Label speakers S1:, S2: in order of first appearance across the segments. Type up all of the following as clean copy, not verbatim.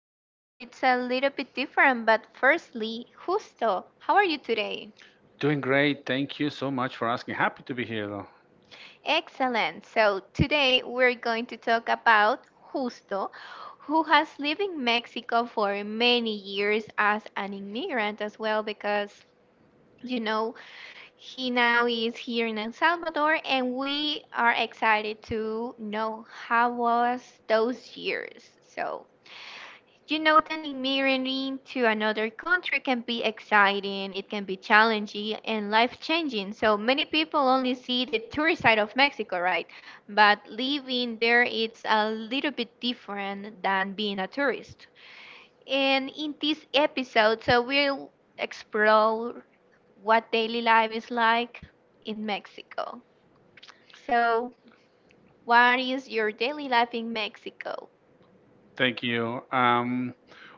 S1: episode it's a little bit different. But firstly, Justo, how are you today?
S2: Doing great. Thank you so much for asking. Happy to be here, though.
S1: Excellent. So today we're going to talk about Justo, who has lived in Mexico for many years as an immigrant as well, because you know he now is here in El Salvador, and we are excited to know how was those years. So, you know that immigrating to another country can be exciting, it can be challenging and life-changing. So many people only see the tourist side of Mexico, right? But living there, it's a little bit different than being a tourist. And in this episode, so we'll explore what daily life is like in Mexico. So, what is your daily life in Mexico?
S2: Thank you. Um,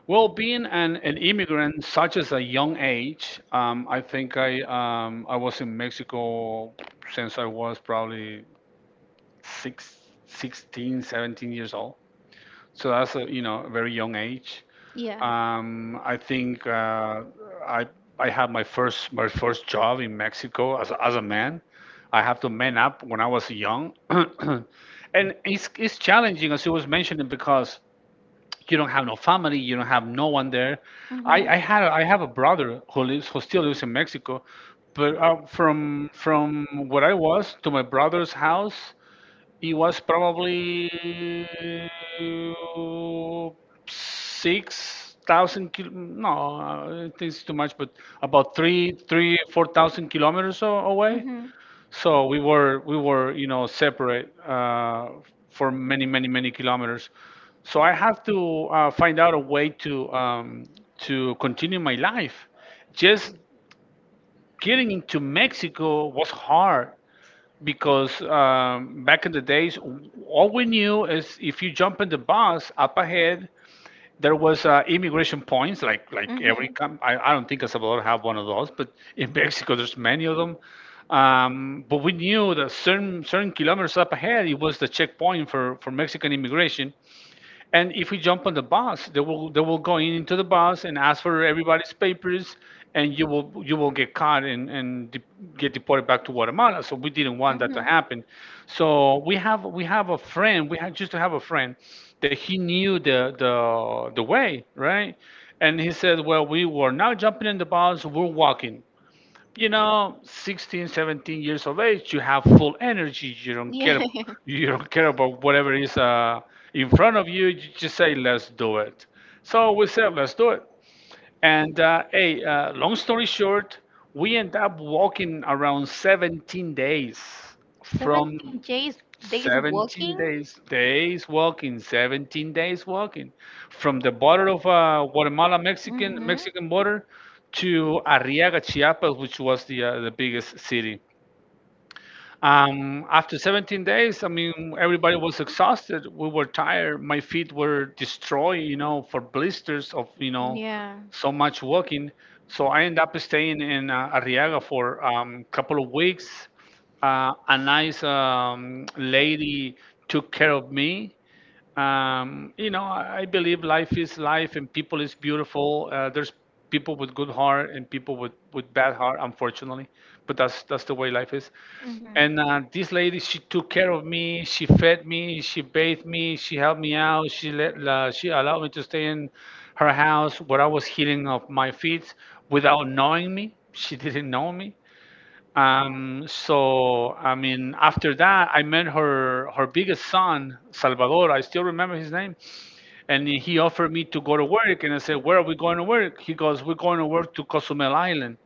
S2: well, being an immigrant such as a young age, I think I was in Mexico since I was probably six, 16, 17 years old. So that's a very young age.
S1: Yeah.
S2: I think I I had my first job in Mexico as a man. I have to man up when I was young, and it's challenging, as you was mentioning, because you don't have no family, you don't have no one there. I
S1: Mhm.
S2: I had a, I have a brother who still lives in Mexico, but from where I was to my brother's house, it was probably 6,000 no, I think it's too much, but about 4,000 kilometers away.
S1: Mm-hmm.
S2: So we were separate, for many kilometers. So I have to find out a way to continue my life. Just getting into Mexico was hard because back in the days, all we knew is if you jump in the bus up ahead, there was immigration points. Like
S1: Mm-hmm.
S2: I don't think El Salvador have one of those, but in Mexico there's many of them. But we knew that certain kilometers up ahead, it was the checkpoint for Mexican immigration, and if we jump on the bus, they will go in into the bus and ask for everybody's papers, and you will get caught, and get deported back to Guatemala. So we didn't want that to
S1: Mm-hmm.
S2: happen. So we have a friend. We had just to have a friend that he knew the way, right? And he said, well, we were not jumping in the bus. We're walking, 16, 17 years of age, you have full energy, you don't care
S1: Yeah.
S2: you don't care about whatever is, in front of you. You just say, "Let's do it." So we said, "Let's do it." And, long story short, we end up walking around 17 days, from
S1: 17 days days
S2: 17
S1: working?
S2: days days walking, 17 days walking from the border of Guatemala, Mexican
S1: Mm-hmm.
S2: Mexican border, to Arriaga, Chiapas, which was the biggest city. After 17 days, I mean, everybody was exhausted. We were tired. My feet were destroyed, you know, for blisters of, you know,
S1: Yeah.
S2: so much walking. So I ended up staying in Arriaga for a couple of weeks. A nice lady took care of me. You know, I believe life is life and people is beautiful. There's people with good heart and people with bad heart, unfortunately, but that's the way life is. And this lady, she took care of me. She fed me. She bathed me. She helped me out. She allowed me to stay in her house where I was healing of my feet, without knowing me. She didn't know me. So I mean, after that, I met her biggest son, Salvador. I still remember his name, and he offered me to go to work. And I said, "Where are we going to work?" He goes, "We're going to work to Cozumel Island.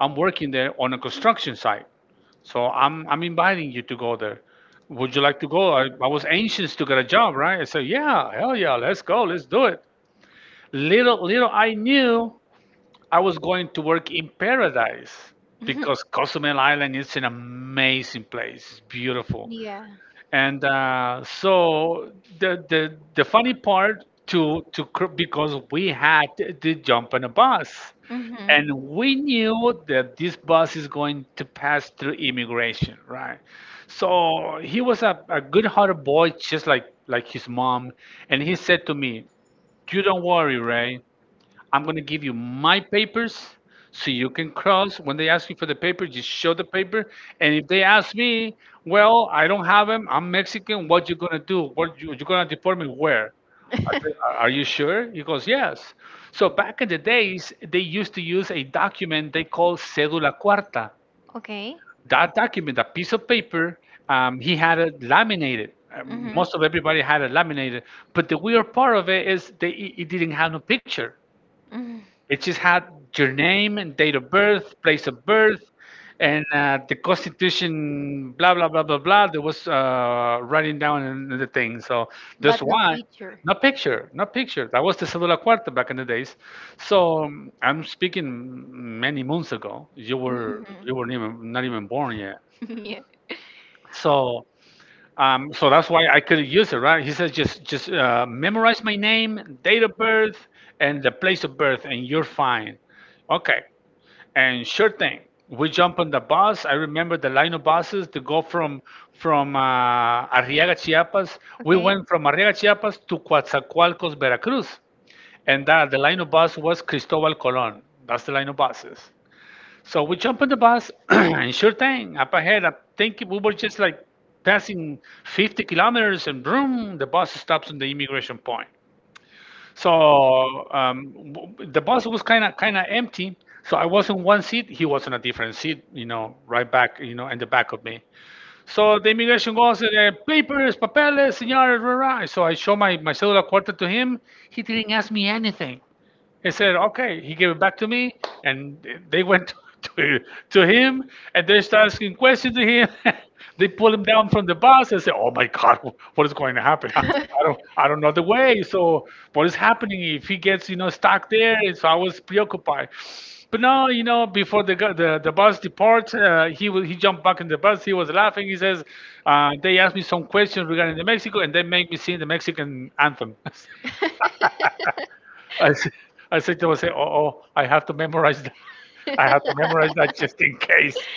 S2: I'm working there on a construction site, so I'm inviting you to go there. Would you like to go?" I was anxious to get a job, right? I said, "Yeah, hell yeah, let's go, let's do it." Little I knew I was going to work in paradise,
S1: Mm-hmm.
S2: because Cozumel Island is an amazing place. It's beautiful.
S1: Yeah.
S2: And so the funny part, because we had to jump on a bus,
S1: Mhm.
S2: and we knew that this bus is going to pass through immigration, right? So he was a good-hearted boy, just like his mom, and he said to me, "You don't worry, Ray. I'm going to give you my papers so you can cross. When they ask you for the paper, just show the paper. And if they ask me, well, I don't have them. I'm Mexican. What you going to do? What you going to deport me where?" I said, Are you sure?" He goes, "Yes." So back in the days, they used to use a document they call cédula cuarta.
S1: Okay.
S2: That document, a piece of paper, he had it laminated.
S1: Mhm.
S2: Most of everybody had it laminated, but the weird part of it is they, it didn't have no picture.
S1: Mhm.
S2: It just had your name and date of birth, place of birth, and the Constitution, blah, blah, blah, blah, blah. There was writing down in the thing. So that's
S1: But no
S2: why.
S1: picture.
S2: No picture, no picture. That was the Cedula Cuarta back in the days. So I'm speaking many months ago. You were
S1: Mhm.
S2: you weren't even, not even, born yet.
S1: Yeah.
S2: So so that's why I couldn't use it, right? He says, Just memorize my name, date of birth, and the place of birth, and you're fine." Okay, and sure thing, we jump on the bus. I remember the line of buses to go from Arriaga, Chiapas. We
S1: Okay.
S2: went from Arriaga, Chiapas, to Coatzacoalcos, Veracruz, and that the line of bus was Cristobal Colon. That's the line of buses. So we jump on the bus, and sure thing, up ahead, I think we were just like passing 50 kilometers, and boom, the bus stops on the immigration point. So the bus was kind of empty. So I was in one seat, he was in a different seat, right back, in the back of me. So the immigration goes, papers, papeles, señores, rah, rah." So I show my cellular quarter to him. He didn't ask me anything. He said, "Okay." He gave it back to me, and they went to, to him, and they started asking questions to him. They pulled him down from the bus and said, "Oh my God, what is going to happen? I don't know the way. So what is happening if he gets, stuck there?" And so I was preoccupied. But now, before the bus departs, he jumped back in the bus. He was laughing. He says, They asked me some questions regarding the Mexico, and they make me sing the Mexican anthem." I, th- I think they will say, "Oh, oh, I have to memorize that." I have to memorize that just in case.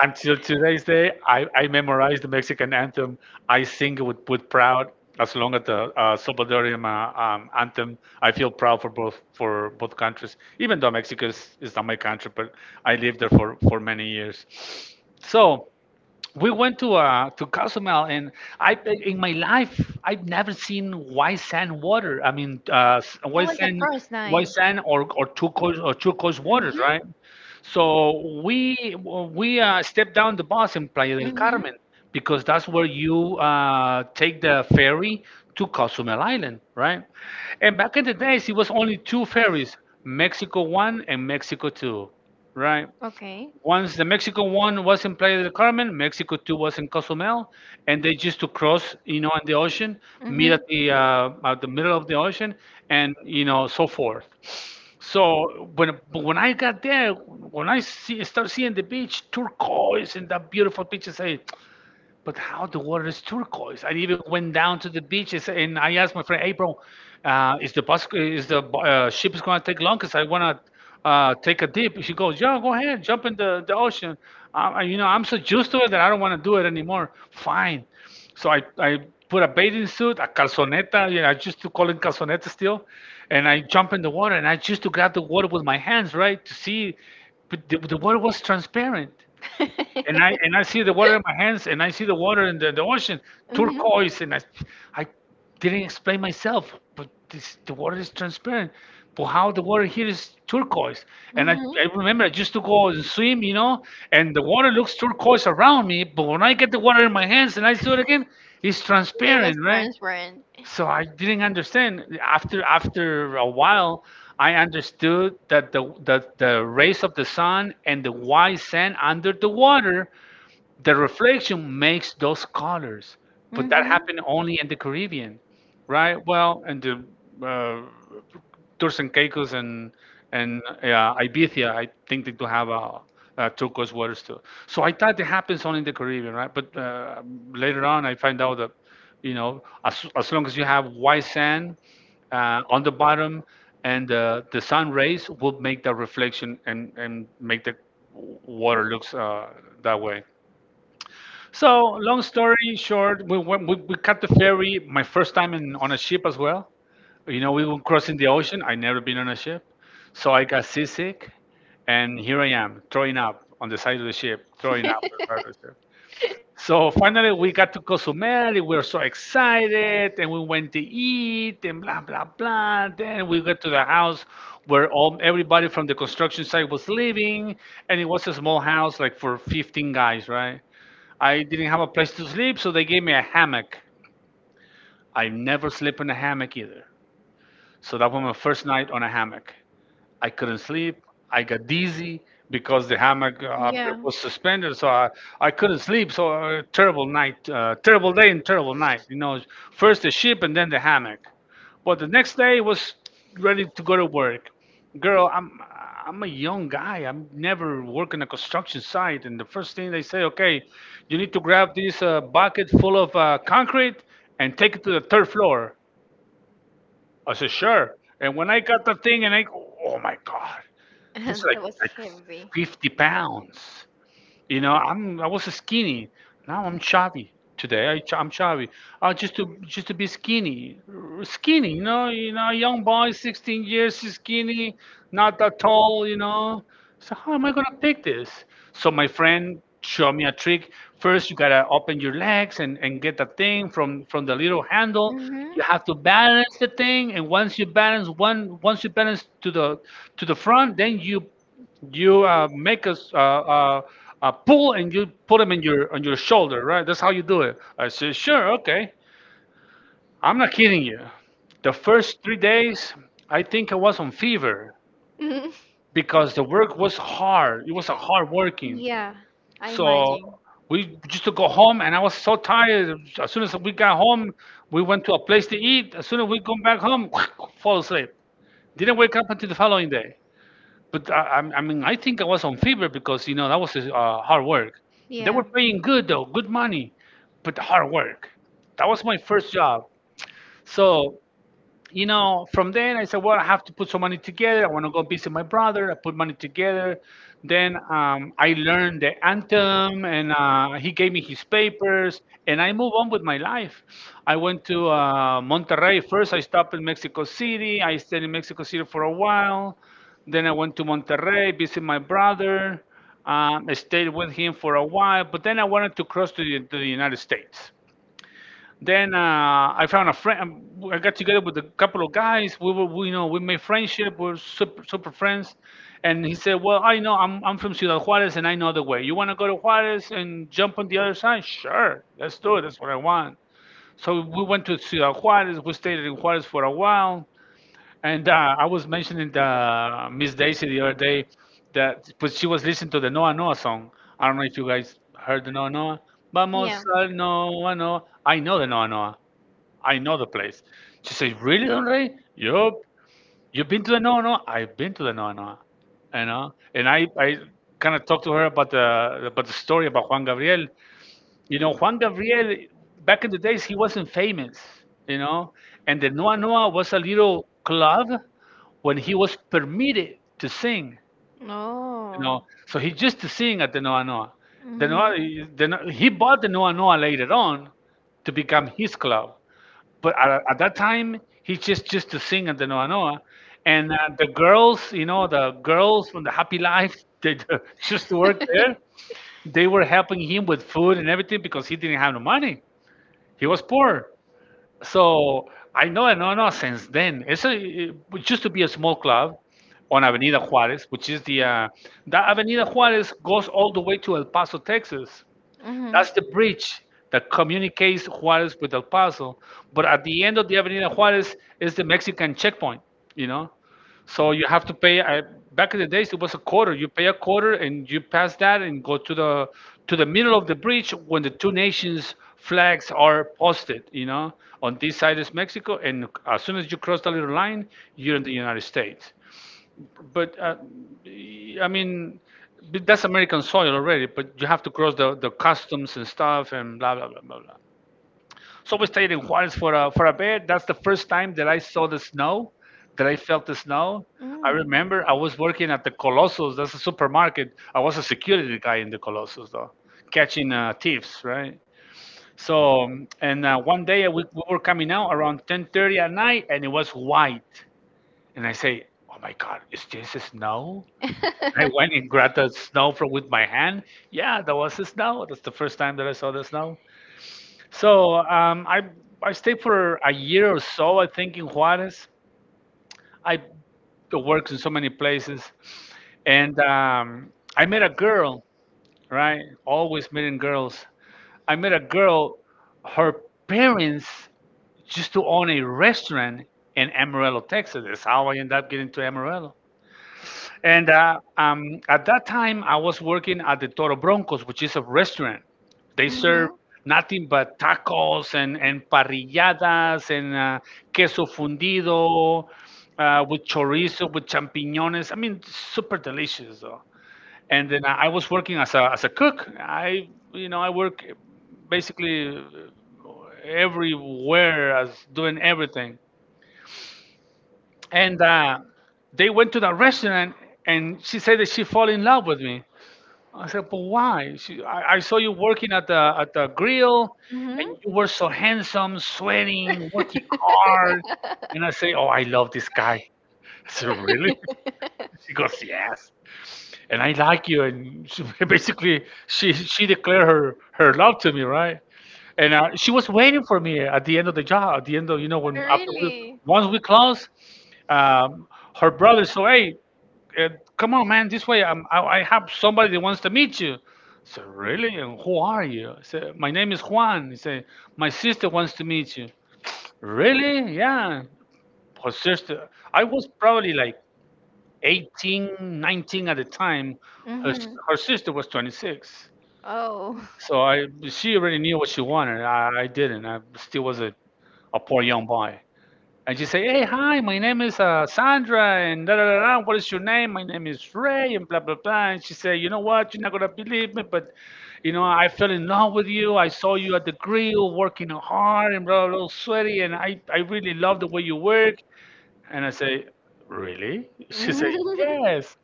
S2: Until today's day, I memorized the Mexican anthem. I sing it with proud. As long as the Salvadorian anthem, I feel proud for both countries. Even though Mexico is not my country, but I lived there for many years. So we went to Cozumel, and I, in my life, I've never seen white sand water. I mean,
S1: That
S2: white
S1: was the
S2: sand
S1: first
S2: white
S1: time.
S2: sand or turquoise
S1: Name.
S2: waters, right?
S1: Mhm.
S2: So we stepped down the bus in Playa del
S1: Mhm.
S2: Carmen, because that's where you take the ferry to Cozumel Island, right? And back in the days, it was only two ferries, Mexico One and Mexico Two, right?
S1: Okay.
S2: Once the Mexican one was in Playa del Carmen, Mexico two was in Cozumel, and they used to cross, in the ocean, meet
S1: Mhm.
S2: at the middle of the ocean, and so forth. So when but when I got there, when I see start seeing the beach turquoise and that beautiful beach, I say, "But how the water is turquoise?" I even went down to the beaches, and I asked my friend, "Hey, bro, is the ship is gonna take long? 'Cause I wanna take a dip." She goes, "Yeah, go ahead, jump in the ocean." Uh, I'm so used to it that I don't wanna do it anymore. Fine. So I put a bathing suit, a calzoneta. You know, I used to call it calzoneta still, and I jump in the water, and I used to grab the water with my hands, right, to see. But the water was transparent, and I
S1: And
S2: and I see the water in my hands, and I see the water in the ocean, turquoise, and I didn't explain myself, but this, the water is transparent. But how the water here is turquoise, and I remember I used to go and swim, and the water looks turquoise around me, but when I get the water in my hands and I see it again, it's
S1: was
S2: transparent, right?
S1: friend's friend. That
S2: So I didn't understand. After a while, I understood that the rays of the sun and the white sand under the water, the reflection makes those colors. But that happened only in the Caribbean, right? Well, and the uh, Turks and Caicos and Ibiza, I think they do have a, turquoise waters too. So I thought it happens only in the Caribbean, right? But later on, I find out that as long as you have white sand on the bottom, and the sun rays will make that reflection and make the water looks that way. So, long story short, we, went- we caught the ferry. My first time in on a ship as well. We were crossing the ocean. I never been on a ship, so I got seasick, and here I am throwing up on the side of the ship,
S1: in
S2: throwing
S1: Korea.
S2: up on the side of the ship. So finally, we got to Cozumel. We were so excited, and we went to eat, and blah blah blah. Then we got to the house where all everybody from the construction site was living, and it was a small house, like for 15 guys, right? I didn't have a place to sleep, so they gave me a hammock. I never sleep in a hammock either. So that was my first night on a hammock. I couldn't sleep. I got dizzy because the hammock
S1: Yeah.
S2: was suspended, so I couldn't sleep. So terrible night, terrible day, and terrible night. First the ship and then the hammock. But the next day was ready to go to work. Girl, I'm a young guy. I'm never work in a construction site, and the first thing they say, okay, you need to grab this bucket full of concrete and take it to the third floor. I said, sure. And when I got the thing, and I go, oh my God, just like
S1: That was
S2: like
S1: heavy.
S2: 50 pounds. I was skinny. Now I'm chubby. Today I'm chubby. Just to be skinny, skinny. Young boy, 16 years, he's skinny, not that tall. So how am I gonna pick this? So my friend showed me a trick. First, you gotta open your legs and get the thing from the little handle. You have to balance the thing, and once you balance once you balance to the front, then you make us a pull and you put them in your on your shoulder, right? That's how you do it. I said, sure, okay. I'm not kidding you. The first 3 days, I think I was on fever
S1: Mm-hmm.
S2: because the work was hard. It was a hard working.
S1: Yeah, I
S2: So
S1: imagine.
S2: we used to go home, and I was so tired. As soon as we got home, we went to a place to eat. As soon as we come back home, fall asleep. Didn't wake up until the following day. But I mean, I think I was on fever because that was hard work. They
S1: Yeah.
S2: were paying good though, good money, but hard work. That was my first job. So from then I said, well, I have to put some money together. I want to go visit my brother. I put money together. Then I learned the anthem, and he gave me his papers, and I move on with my life. I went to Monterrey first. I stopped in Mexico City. I stayed in Mexico City for a while. Then I went to Monterrey, visit my brother. I stayed with him for a while, but then I wanted to cross to the United States. Then I found a friend. I got together with a couple of guys. We were, we, you know, we made friendship. We're super, super friends. And he said, "Well, I know I'm from Ciudad Juarez, and I know the way. You want to go to Juarez and jump on the other side? Sure, let's do it. That's what I want." So we went to Ciudad Juarez. We stayed in Juarez for a while. And I was mentioning the Miss Daisy the other day that but she was listening to the Noa Noa song. I don't know if you guys heard the Noa Noa. Vamos al Noa Noa. I know the Noa Noa. I know the place. She says, really, Don Rey? Yup. You've been to the Noa Noa? I've been to the Noa Noa. You know? And I kind of talked to her about the story about Juan Gabriel. Juan Gabriel, back in the days, he wasn't famous, you know? And the Noa Noa was a little club when he was permitted to sing, you know?
S1: Oh.
S2: So he just to sing at the Noa Noa. The Noa,
S1: Mm-hmm.
S2: the, Noa- he bought the Noa Noa later on to become his club, but at that time he just to sing at the Noa Noa, and the girls, the girls from the Happy Life, they just work there. They were helping him with food and everything because he didn't have no money. He was poor. So I know, I since then. It's It used to be a small club on Avenida Juarez, which is the that Avenida Juarez goes all the way to El Paso, Texas.
S1: hmm
S2: That's the bridge that communicates Juarez with El Paso. But at the end of the Avenida Juarez is the Mexican checkpoint, you know? So you have to pay. Back in the days, it was a quarter. You pay a quarter and you pass that and go to the middle of the bridge when the two nations flags are posted. On this side is Mexico, and as soon as you cross the little line, you're in the United States. But I mean, but that's American soil already. But you have to cross the customs and stuff and blah blah blah blah blah. So we stayed in Juarez for a bit. That's the first time that I saw the snow, that I felt the snow. I remember I was working at the Colossus. That's a supermarket. I was a security guy in the Colossus though, catching thieves, right? So and one day we were coming out around 10:30 at night, and it was white. And I say, "Oh my God, is this snow?"
S1: and
S2: I went and grabbed the snow from with my hand. Yeah, that was the snow. That's the first time that I saw the snow. So I stayed for a year or so, I think, in Juarez. I worked in so many places, and I met a girl. Right, always meeting girls. I met a girl. Her parents used to own a restaurant in Amarillo, Texas. That's how I ended up getting to Amarillo. And at that time, I was working at the Toro Broncos, which is a restaurant. They serve
S1: hmm
S2: nothing but tacos and parrilladas and queso fundido with chorizo, with champiñones. I mean, super delicious. Though. And then I was working as a cook. I work basically everywhere as doing everything and they went to the restaurant and she said that she fell in love with me. I said, but why she, I saw you working at the grill and
S1: hmm
S2: you were so handsome sweating working hard, and I say, oh, I love this guy. I said, really? She goes, yes. And I like you. And she, basically, she declared her love to me, right? And she was waiting for me at the end of the job. At the end of when once we close, um, her brother said, hey, uh, come on, man, this way. I have somebody that wants to meet you. I said, really? And who are you? I said, my name is Juan. He said, my sister wants to meet you. Really? Yeah. Her sister. I was probably like 18, 19 at the time. Her, s-
S1: Mm-hmm.
S2: her sister was 26.
S1: Oh.
S2: So I, she already knew what she wanted. I didn't. I still was a poor young boy. And she say, "Hey, hi, my name is Sandra, and da da da da. What is your name? My name is Ray, and blah blah blah." And she said, "You know what? You're not gonna believe me, but you know, I fell in love with you. I saw you at the grill working hard and blah blah, blah sweaty, and I really love the way you work. And I say, really? She said,
S1: Mm-hmm.
S2: yes.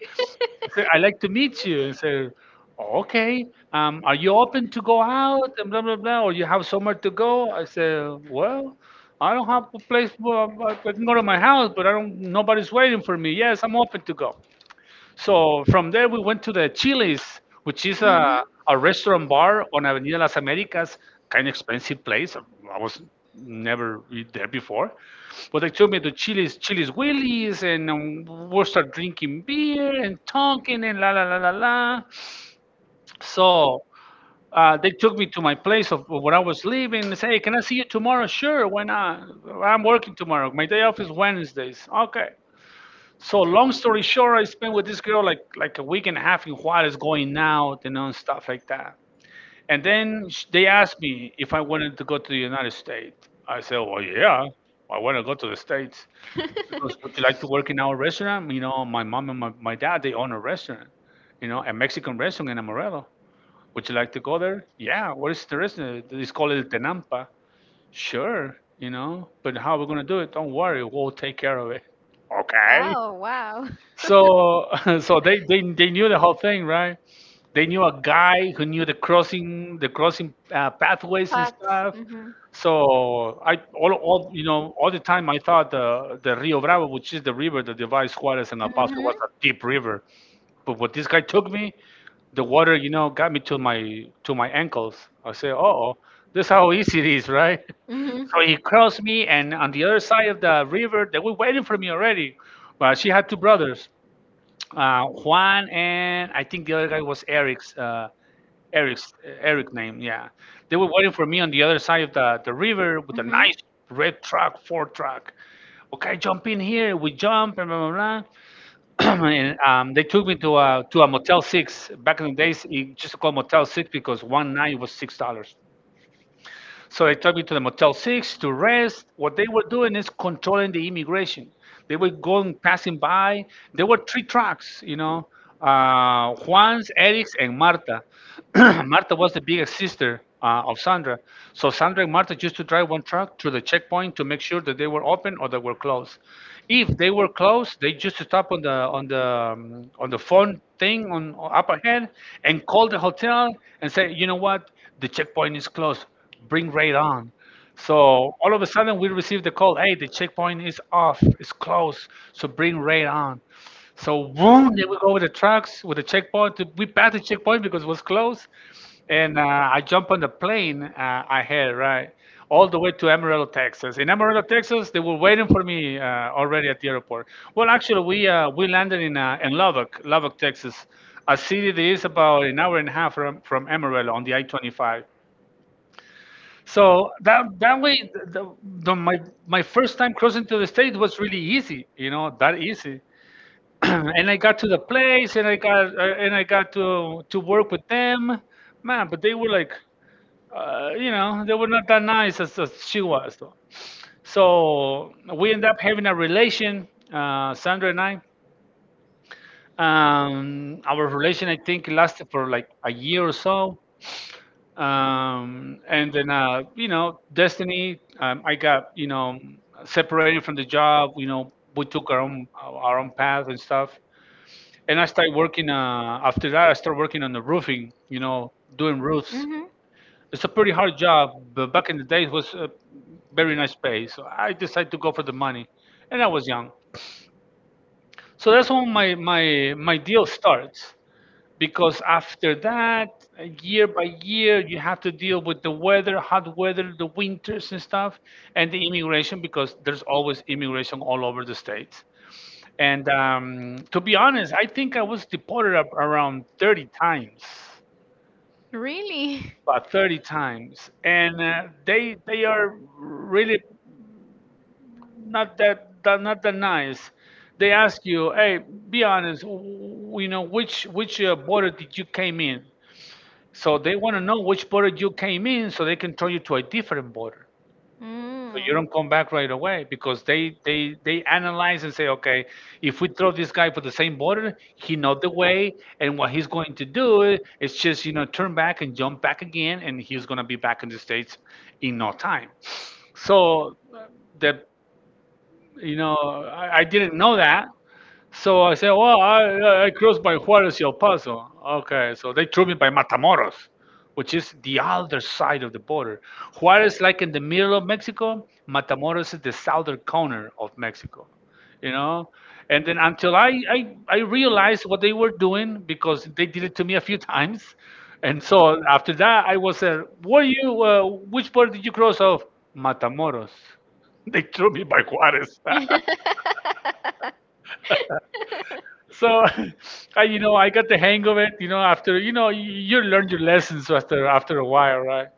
S2: I said, I'd like to meet you. And said, okay. Are you open to go out and blah, blah, blah, or you have somewhere to go? I said, well, I don't have a place where I can go to my house, but I don't, nobody's waiting for me. Yes, I'm open to go. So from there, we went to the Chili's, which is a,
S1: hmm
S2: a restaurant bar on Avenida Las Americas, kind of expensive place. I was never eat there before. But they took me to Chili's, Chili's Willie's, and we start drinking beer and talking and la la la la la. So they took me to my place of where I was living. They say, hey, can I see you tomorrow? Sure, why not? I'm working tomorrow. My day off is Wednesdays. Okay. So long story short, I spent with this girl like a week and a half in Juarez, going out you know, and stuff like that. And then they asked me if I wanted to go to the United States. I said, "Well, yeah, I want to go to the States." Because would you like to work in our restaurant? You know, my mom and my dad they own a restaurant, you know, a Mexican restaurant in Amarillo. Would you like to go there? Yeah. What is the restaurant? It's called El Tenampa. Sure, you know, but how are we gonna do it? Don't worry, we'll take care of it. Okay.
S1: oh, wow.
S2: So so they knew the whole thing, right? They knew a guy who knew the crossing pathways and
S1: Pots.
S2: stuff.
S1: Mhm.
S2: So I all you know all the time I thought the Rio Bravo, which is the river that divides Juarez and El Paso,
S1: Mhm.
S2: was a deep river. But what this guy took me, the water you know got me to my ankles. I said, oh, this is how easy it is, right?
S1: Mhm. Mhm.
S2: So he crossed me, and on the other side of the river, they were waiting for me already. Well, she had two brothers, Juan and I think the other guy was Eric's. Eric's Eric name. Yeah, they were waiting for me on the other side of the river with a nice red truck, Ford truck. Okay, jump in here. We jump and blah blah blah. and they took me to a Motel Six. Back in the days, it used to call Motel Six because one night was $6. So they took me to the Motel 6 to rest. What they were doing is controlling the immigration. They were going, passing by. There were three trucks, you know, Juan's, Eric's, and Marta. Marta was the biggest sister of Sandra. So Sandra and Marta used to drive one truck to the checkpoint to make sure that they were open or they were closed. If they were closed, they used to stop on the on the on the phone thing on up ahead and call the hotel and say, you know what, the checkpoint is closed bring right on. So all of a sudden we received the call, hey, the checkpoint is off, it's closed, so bring right on. So boom, then we go with the trucks, with the checkpoint. We passed the checkpoint because it was closed. And I jump on the plane I had, right? All the way to Amarillo, Texas. In Amarillo, Texas, they were waiting for me already at the airport. Well, actually, we landed in Lubbock, Lubbock, Texas, a city that is about an hour and a half from Amarillo on the I-25. So that way, the, my my first time crossing to the state was really easy, you know, that easy. and I got to the place, and I got to work with them, man. But they were like, you know, they were not that nice as she was, though. So we ended up having a relation, Sandra and I. Our relation, I think, lasted for like a year or so and then you know destiny I got you know separated from the job you know we took our own path and stuff and I started working after that I started working on the roofing you know doing roofs
S1: Mhm.
S2: it's a pretty hard job but back in the day, it was a very nice pay so I decided to go for the money and I was young so that's when my deal starts because after that year by year you have to deal with the weather hot weather the winters and stuff and the immigration because there's always immigration all over the states and to be honest I think I was deported up around 30 times
S1: Really?
S2: about 30 times and they are really not that, not that nice they ask you hey be honest you know which border did you came in So they want to know which border you came in so they can turn you to a different border. So you
S1: Mm.
S2: don't come back right away because they analyze and say, okay, if we throw this guy for the same border, he know the way and what he's going to do is just, you know, turn back and jump back again and he's going to be back in the States in no time. So the you know, I didn't know that. So I said, well, I crossed by Juarez y El Paso. Okay, so they threw me by Matamoros, which is the other side of the border. Juarez, like in the middle of Mexico, Matamoros is the southern corner of Mexico, you know? And then until I realized what they were doing because they did it to me a few times. And so after that, I was there, were you, which border did you cross off? Matamoros. They threw me by Juarez. So, you know, I got the hang of it. You know, after you know, you learn your lessons after after a while, right?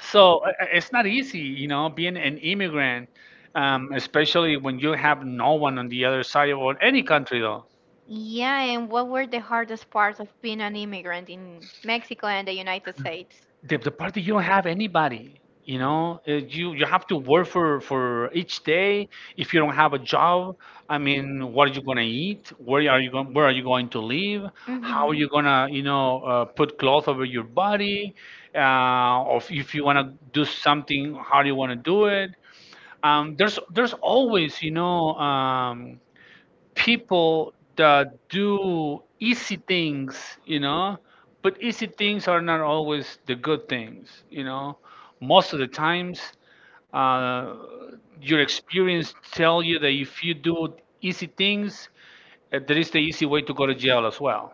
S2: So it's not easy, you know, being an immigrant, especially when you have no one on the other side or any country, though.
S1: Yeah, and what were the hardest parts of being an immigrant in Mexico and the United States?
S2: The party you don't have anybody you know you you have to work for each day if you don't have a job I mean what are you going to eat where are you going where are you going to live how are
S1: Mm-hmm.
S2: you going to you know put cloth over your body or if you want to do something how do you want to do it there's always you know um, people that do easy things, you know, but easy things are not always the good things, you know. Most of the times, uh, your experience tell you that if you do easy things, there is the easy way to go to jail as well.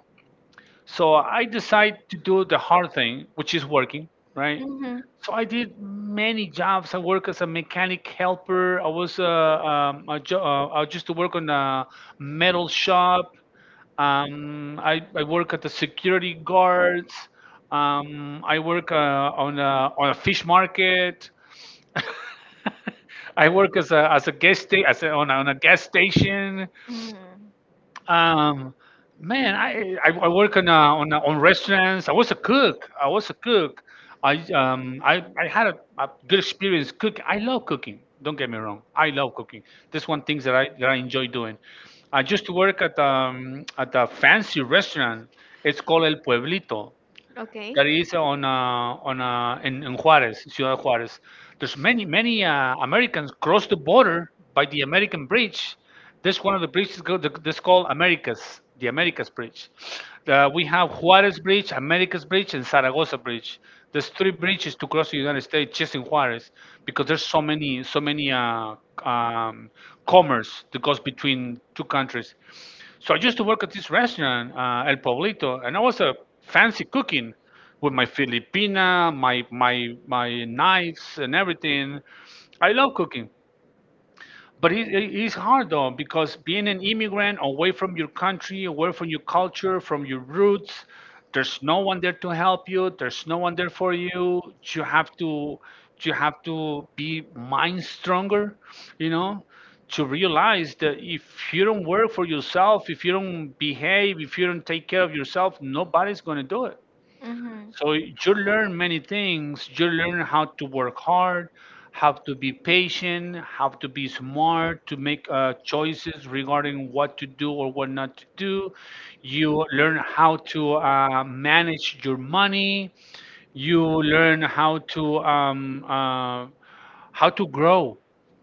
S2: So I decided to do the hard thing, which is working, right?
S1: Mm-hmm.
S2: So I did many jobs. I work as a mechanic helper. I was a I used to work on a metal shop. I work at the security guards. I work on a fish market. I work as a guest sta- as a, on, a, on a gas station.
S1: Mm.
S2: Um, man, I work on on restaurants. I was a cook. I was a cook. I I had a good experience cook. I love cooking. Don't get me wrong. I love cooking. That's one thing that I enjoy doing. I used to work at at a fancy restaurant. It's called El Pueblito
S1: Okay.
S2: that is on in Juarez, Ciudad Juarez. There's many Americans cross the border by the American bridge. This one of the bridges go, the, this called Americas, the Americas Bridge. We have Juarez Bridge, Americas Bridge, and Zaragoza Bridge. There's three bridges to cross the United States just in Juarez because there's so many so many um, commerce that goes between two countries. So I used to work at this restaurant, El Poblito, and I was a fancy cooking with my Filipina, my my knives and everything. I love cooking, but it's hard though because being an immigrant away from your country, away from your culture, from your roots, there's no one there to help you. There's no one there for you. You have to you have to be mind stronger, you know, to realize that if you don't work for yourself, if you don't behave, if you don't take care of yourself, nobody's gonna do it.
S1: Mm-hmm.
S2: So you learn many things. You learn how to work hard, how to be patient, how to be smart, to make choices regarding what to do or what not to do. You learn how to manage your money. You learn how to grow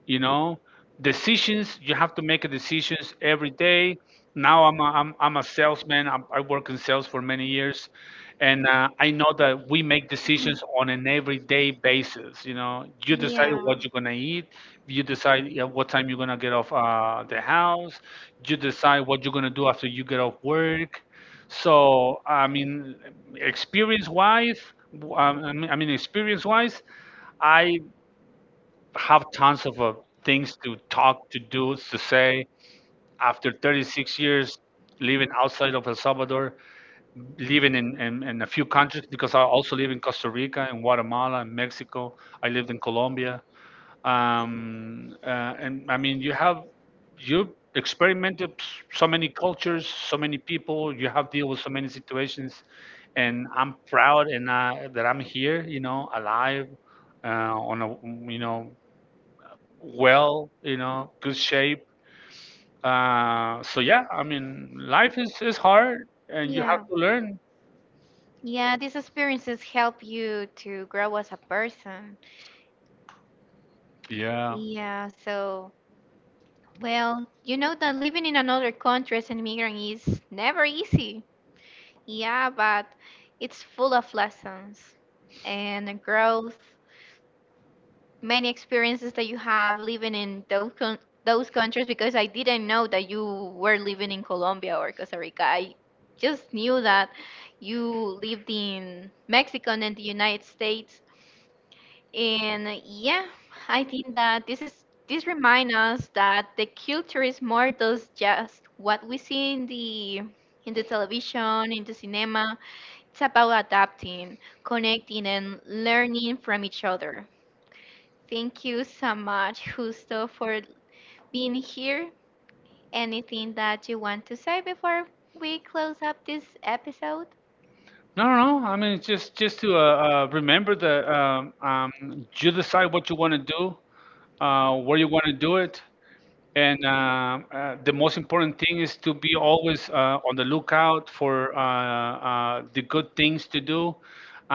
S2: you know decisions you have to make a decisions every day. Now I'm a salesman. I work in sales for many years, and I know that we make decisions on an everyday basis, you know. You decide what you're going to eat. You decide, yeah, what time you're going to get off the house. You decide what you're going to do after you get off work. So I mean, experience wise I mean experience wise, I have tons of things to talk, to do, to say. After 36 years living outside of El Salvador, living in a few countries, because I also live in Costa Rica and Guatemala and Mexico. I lived in Colombia. And I mean, you have, you experimented so many cultures, so many people, you have deal with so many situations. And I'm proud and that I'm here, you know, alive on a, you know, well, you know, good shape. So yeah, I mean, life is hard, and you have to
S1: Learn.
S2: learn.
S1: Yeah, these experiences help you to grow as a person. Yeah.
S2: Yeah.
S1: Yeah, so well, you know that living in another country as an immigrant is never easy. Yeah, but it's full of lessons and growth, many experiences that you have living in those coun those countries because I didn't know that you were living in Colombia or Costa Rica. I just knew that you lived in Mexico and in the United States, and yeah, I think that this remind us that the culture is more than just what we see in the television, in the cinema. It's about adapting, connecting, and learning from each other. Thank you so much, Justo, for being here. Anything that you want to say before we close up this episode?
S2: No, no, no. I mean, it's just to remember that you decide what you want to do, where you want to do it, and the most important thing is to be always on the lookout for the good things to do.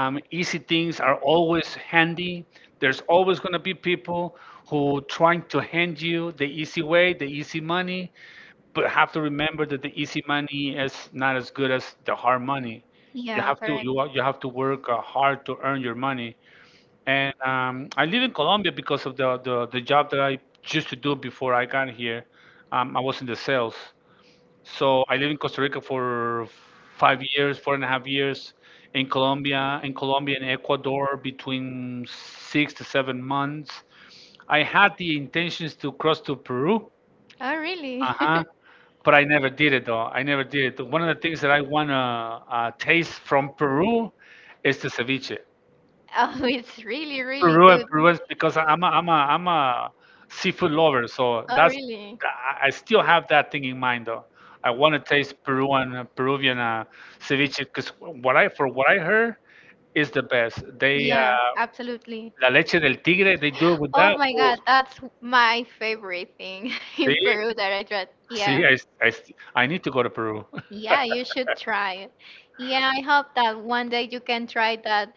S2: Easy things are always handy. There's always going to be people who trying to hand you the easy way, the easy money, but have to remember that the easy money is not as good as the hard money.
S1: Yeah, correct.
S2: You have to work hard to earn your money. And I live in Colombia because of the job that I used to do before I got here. I was in the sales. So I lived in Costa Rica for 5 years, four and a half years, in Colombia, and Ecuador between 6 to 7 months. I had the intentions to cross to Peru,
S1: Oh, really?
S2: uh-huh, but I never did it though. I never did it. One of the things that I want to taste from Peru is the ceviche.
S1: Oh, it's really, really good.
S2: Peru is because I'm a seafood lover, so
S1: Oh,
S2: that's
S1: really?
S2: I still have that thing in mind though. I want to taste Peruan Peruvian ceviche because what I, for what I heard, is the best. They
S1: Yeah, absolutely.
S2: la leche del tigre, they do it with
S1: Oh
S2: that.
S1: my
S2: Oh,
S1: God, that's my favorite thing in
S2: see,
S1: Peru that I tried. Yeah,
S2: see, I, I, I need to go to Peru.
S1: yeah, you should try it. Yeah, I hope that one day you can try that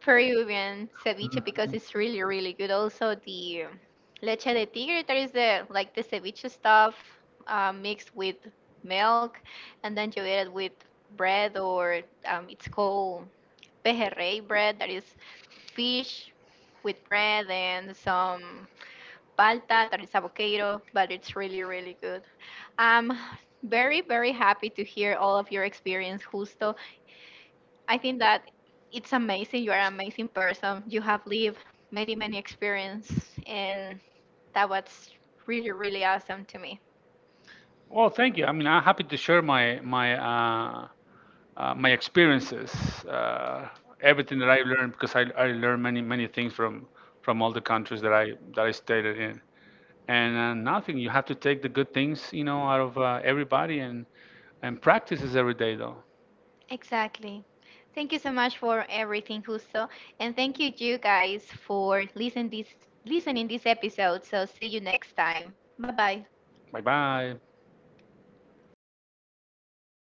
S1: Peruvian ceviche because it's really, really good. Also, the leche de tigre, there is the like the ceviche stuff mixed with milk, and then you eat it with bread or it's called pejerrey bread. That is fish with bread and some palta. That is avocado, but it's really, really good. I'm very, very happy to hear all of your experience, Justo. I think that it's amazing. You are an amazing person. You have lived many, many experience, and that was really, really awesome to me.
S2: Well, thank you. I mean, I'm happy to share my my experiences, uh, everything that I learned, because I learned many many things from all the countries that I stayed in. And nothing, you have to take the good things, you know, out of everybody, and practices every day though.
S1: Exactly. Thank you so much for everything, Justo, and thank you, you guys, for listening this episode. So see you next time. Bye bye.
S2: Bye bye.